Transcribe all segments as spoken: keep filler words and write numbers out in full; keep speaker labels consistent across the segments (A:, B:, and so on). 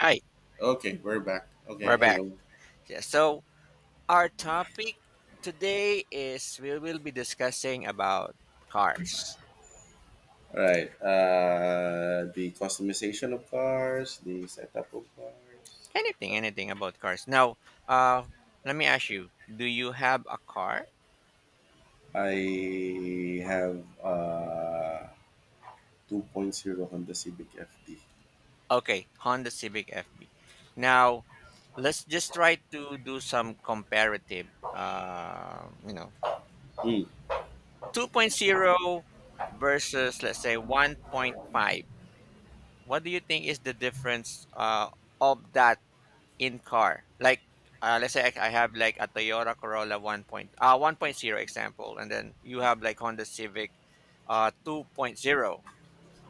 A: Hi,
B: Okay, we're back. Okay,
A: we're back.
B: hello.
A: Yeah, so our topic today is we will be discussing about cars.
B: All right. Uh, the customization of cars, the setup of cars.
A: Anything, anything about cars. Now, uh, let me ask you, do you have a car?
B: I have uh 2.0 Honda Civic F D.
A: Okay, Honda Civic F B. Now, let's just try to do some comparative, uh, you know,
B: Mm,
A: 2.0 versus, let's say, one point five. What do you think is the difference uh, of that in car? Like, uh, let's say I, I have like a Toyota Corolla 1. Point, uh, 1.0, example, and then you have like Honda Civic, uh, 2.0.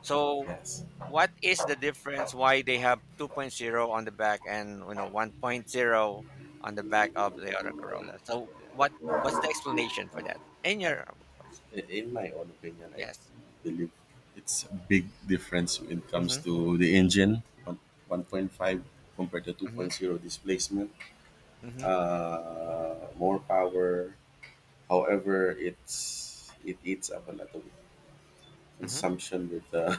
A: So
B: yes.
A: what is the difference why they have 2.0 on the back and you know 1.0 on the back of the other Corolla? So what what's the explanation for that? In your, of course.
B: I- In my own opinion, I
A: Yes.
B: believe it's a big difference when it comes
A: Mhm.
B: to the engine, one- 1.5 compared to
A: Mhm.
B: 2.0 displacement,
A: Mhm.
B: uh, more power. However, it's it eats up a lot of
A: Mhm.
B: consumption with uh,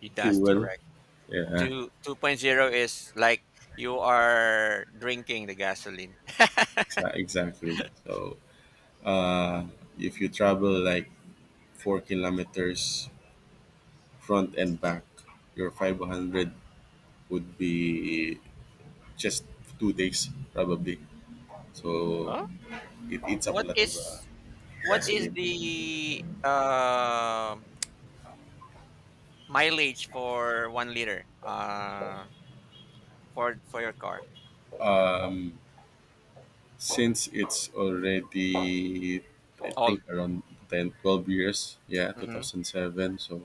A: You- That's
B: fuel.
A: correct.
B: Yeah,
A: two 2.0 is like you are drinking the gasoline.
B: exa- exactly. So, uh, if you travel like four kilometers front and back, your five hundred would be just two days probably. So, it eats up a
A: What
B: lot of uh,
A: is what is
B: gasoline.
A: the uh, mileage for one liter, uh, for for your car?
B: Since it's already, I
A: Old.
B: think, around ten twelve years, yeah,
A: Hmm.
B: two thousand seven. So,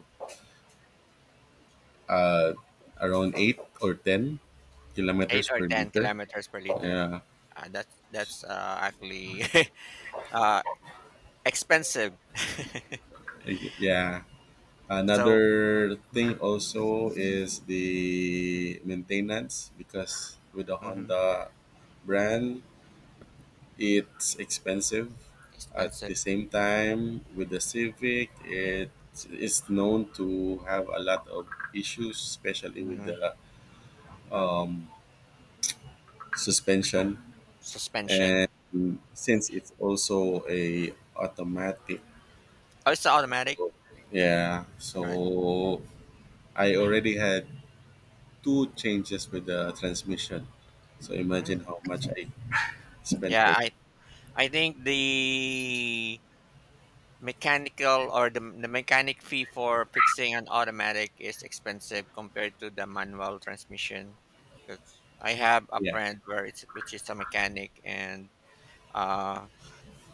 B: uh, around eight or ten
A: eight
B: kilometers
A: or
B: per
A: ten
B: liter.
A: kilometers per liter.
B: Yeah.
A: Uh, that's that's uh, actually uh, expensive.
B: Ex- Yeah.
A: So.
B: Another
A: Hmm.
B: thing also is the maintenance because with the
A: Hmm.
B: Honda brand, it's expensive. At the
A: Expensive.
B: same time, with the Civic, it is known to have a lot of issues, especially with
A: Hmm.
B: the um, suspension.
A: Suspension.
B: And since it's also a automatic,
A: Oh, it's automatic,
B: yeah.
A: right?
B: So I already had two changes with the transmission. So imagine
A: Mm.
B: how much I spent
A: Yeah,
B: for it.
A: I I think the mechanical, or the, the mechanic fee for fixing an automatic is expensive compared to the manual transmission, because I have a
B: Yeah,
A: friend where it's which is a mechanic, and uh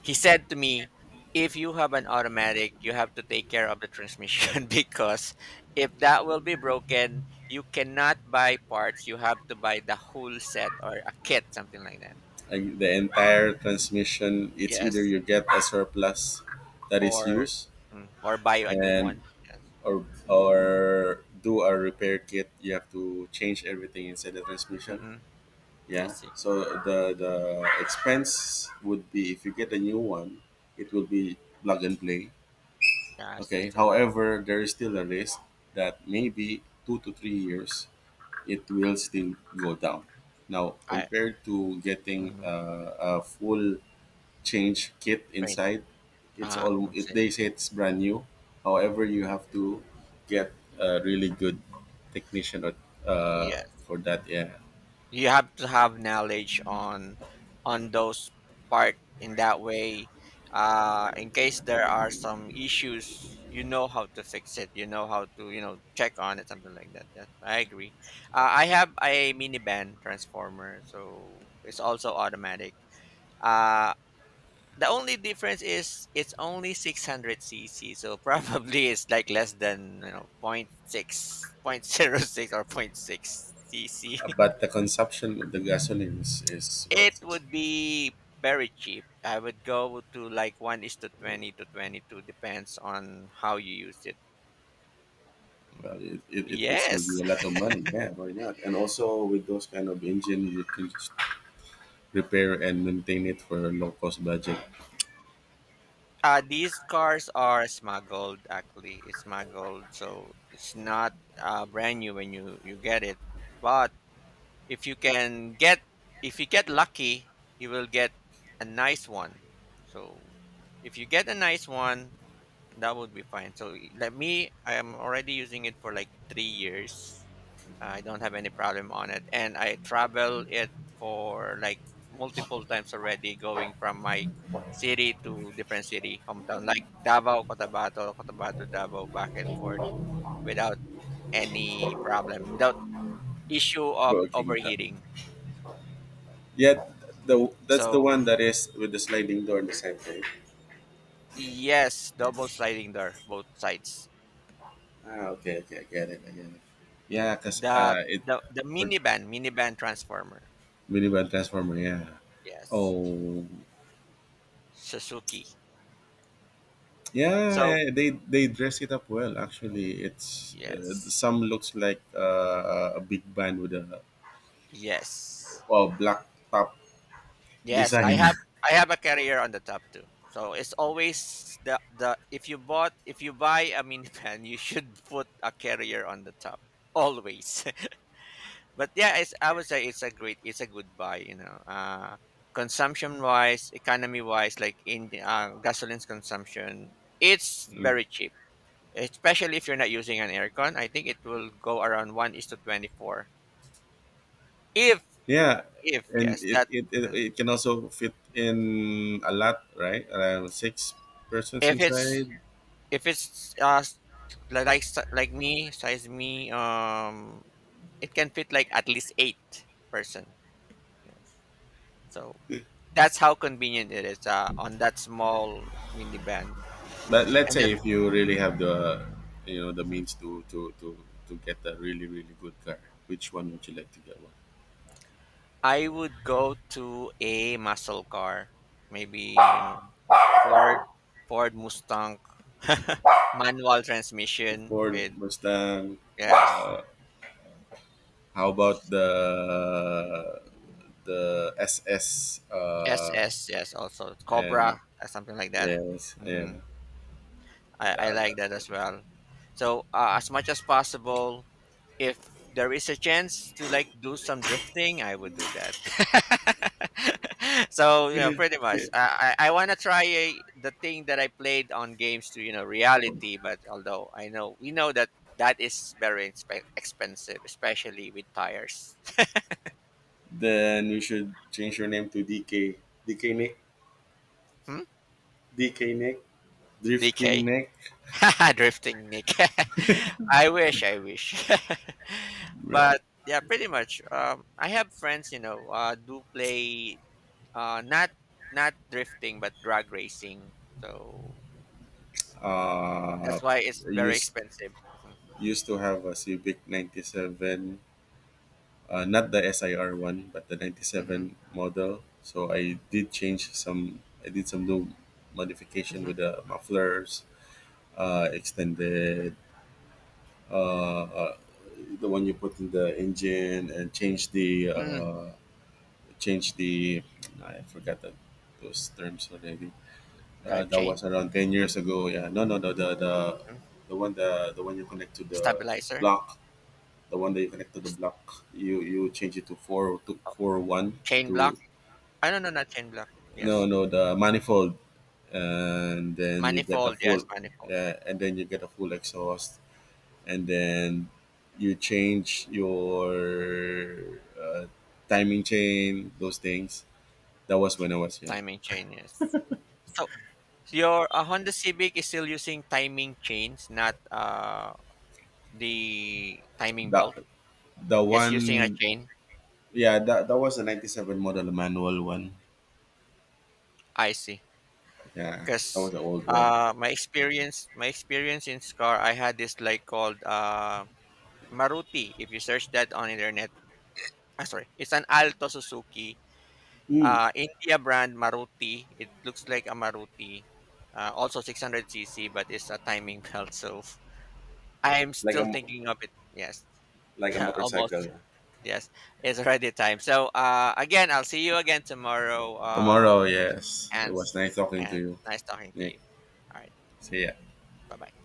A: he said to me, if you have an automatic you have to take care of the transmission because if that will be broken, you cannot buy parts, you have to buy the whole set or a kit, something like that.
B: and the entire transmission. It's either
A: Yes.
B: you get a surplus that is
A: or
B: used,
A: mm, or buy a new
B: and
A: one. Yes.
B: or or do a repair kit. You have to change everything inside the transmission.
A: Mm-mm. I
B: Yeah.
A: see.
B: So the the expense would be if you get a new one, it will be plug and play.
A: Yes,
B: Okay.
A: that's correct.
B: However, there is still a risk that maybe two to three years it will still go down. Now,
A: I.
B: compared to getting
A: Mhm.
B: uh, a full change kit
A: Phrase.
B: inside, it's
A: Uh,
B: all
A: let's
B: it,
A: see.
B: they say it's brand new. However, you have to get a really good technician or, uh,
A: Yes.
B: for that.
A: Mhm.
B: Yeah,
A: You have to have knowledge on on those part in that way. Uh, in case there are some issues, you know how to fix it. You know how to you know check on it, something like that. Yes, I agree. Uh, I have a minivan transformer, so it's also automatic. Uh, The only difference is it's only six hundred c c, so probably it's like less than, you know, point six, point zero six, or point six cc.
B: but the consumption of the gasoline is, is what.
A: It would be very cheap. I would go to like one is to twenty to twenty two, depends on how you use it.
B: Well, it, it, it will save you
A: Yes.
B: a lot of money. Yeah, why not? And also with those kind of engine, you can just repair and maintain it for a low cost budget.
A: Uh, these cars are smuggled, actually. It's smuggled, so it's not uh, brand new when you, you get it. But if you can get if you get lucky, you will get a nice one, so if you get a nice one, that would be fine. So let me I am already using it for like three years. I don't have any problem on it, and I travel it for like multiple times already, going from my city to different city hometown, like Davao, Cotabato, Cotabato, Davao, back and forth, without any problem, without issue of
B: Working
A: overheating,
B: Yet the that's the one
A: so.
B: that is with the sliding door in the same thing.
A: Yes, double sliding door, both sides.
B: Ah, okay, okay, I get it, I get it. Yeah, cause
A: The
B: uh, it
A: the the
B: for
A: minivan, minivan transformer.
B: minivan transformer. Yeah.
A: Yes,
B: Oh,
A: Suzuki.
B: yeah,
A: So
B: yeah. They they dress it up well. Actually, it's uh,
A: yes,
B: some looks like uh, a big band with a
A: yes,
B: uh, black top
A: yes. I
B: design.
A: have I have a carrier on the top too. So it's always the the, if you bought if you buy a minivan, you should put a carrier on the top always. But yeah, it's, I would say it's a great, it's a good buy. You know, uh, consumption wise, economy wise, like in, uh, gasoline's consumption, it's
B: Mm.
A: very cheap. Especially if you're not using an aircon, I think it will go around one is to twenty four. If
B: Yeah,
A: if
B: and
A: yes,
B: it,
A: that.
B: it it
A: Mhm.
B: it can also fit in a lot, right? Around six persons
A: if it's
B: inside.
A: if it's uh s- li- like s- like me, size me, um it can fit like at least eight person. Yes. So that's how convenient it is, uh, on that small minivan.
B: But let's
A: And
B: say
A: that.
B: if you really have the you know the
A: Mhm.
B: means to to to to get a really really good car, which one would you like to get? One
A: I would go to a muscle car, maybe, you know, Ford, Ford, Mustang, manual transmission
B: Ford
A: with,
B: Mustang.
A: yes,
B: How about the the S S? Uh,
A: S S, yes, also
B: yeah,
A: Cobra, or something like that.
B: yes, yeah,
A: Hmm. I I
B: that,
A: like
B: that's
A: that
B: good.
A: as well. So uh, as much as possible, if there is a chance to like do some drifting, I would do that. So, you know, pretty much, I I, I want to try a, the thing that I played on games to, you know reality. But although I know we know that that is very inspe- expensive, especially with tires.
B: Then you should change your name to D K. D K Nick.
A: Hmm?
B: D K Nick. Drift King
A: D K.
B: Nick.
A: Drifting Nick. I wish, I wish.
B: Yeah.
A: But yeah, pretty much, um I have friends, you know uh do play. Uh, not not drifting, but drag racing. So
B: Uh,
A: that's why it's very
B: used
A: expensive. Mhm.
B: used to have a Civic ninety-seven, uh, not the S I R one, but the
A: Mhm.
B: ninety-seven model. So I did change some, I did some little modification
A: Mhm.
B: with the mufflers, uh, extended uh, uh, the one you put in the engine, and change the,
A: Mm.
B: uh, change the, I forgot that, those terms already. Uh,
A: Drive
B: that
A: chain.
B: was around ten years ago. Yeah, no, no, no, the, the,
A: Mhm.
B: the one, the, the one you connect to the
A: Stabilizer.
B: block. The one that you connect to the
A: S-
B: block, you you change it to four to four one
A: chain block.
B: to
A: I don't know, not chain block.
B: No,
A: Yes.
B: no,
A: Mhm.
B: the manifold, and then you get the
A: Manifold.
B: full,
A: Yes, manifold.
B: uh, and then you get a full exhaust, and then you change your uh, timing chain, those things. That was when I was young.
A: Timing chain. Yes. So your, uh, Honda Civic is still using timing chains, not uh the timing
B: That
A: belt.
B: the
A: It's using a
B: one,
A: chain.
B: yeah, that that was a 'ninety-seven model manual one.
A: I see.
B: Yeah, that was
A: Cause,
B: an old one.
A: uh, my experience, my experience in Scar, I had this like called, uh, Maruti. If you search that on internet, ah, sorry, it's an Alto Suzuki,
B: Mm.
A: uh, India brand Maruti. It looks like a Maruti, uh, also six hundred c c, but it's a timing belt. So I'm
B: Like a
A: still
B: mo-
A: thinking of it. Yes.
B: like a
A: Almost.
B: motorcycle.
A: Yes, it's already time. So, uh, again, I'll see you again tomorrow, um,
B: Tomorrow, yes. It was
A: Hans,
B: nice talking to
A: and
B: you,
A: nice talking to
B: Nick.
A: you. All right,
B: See ya.
A: bye bye.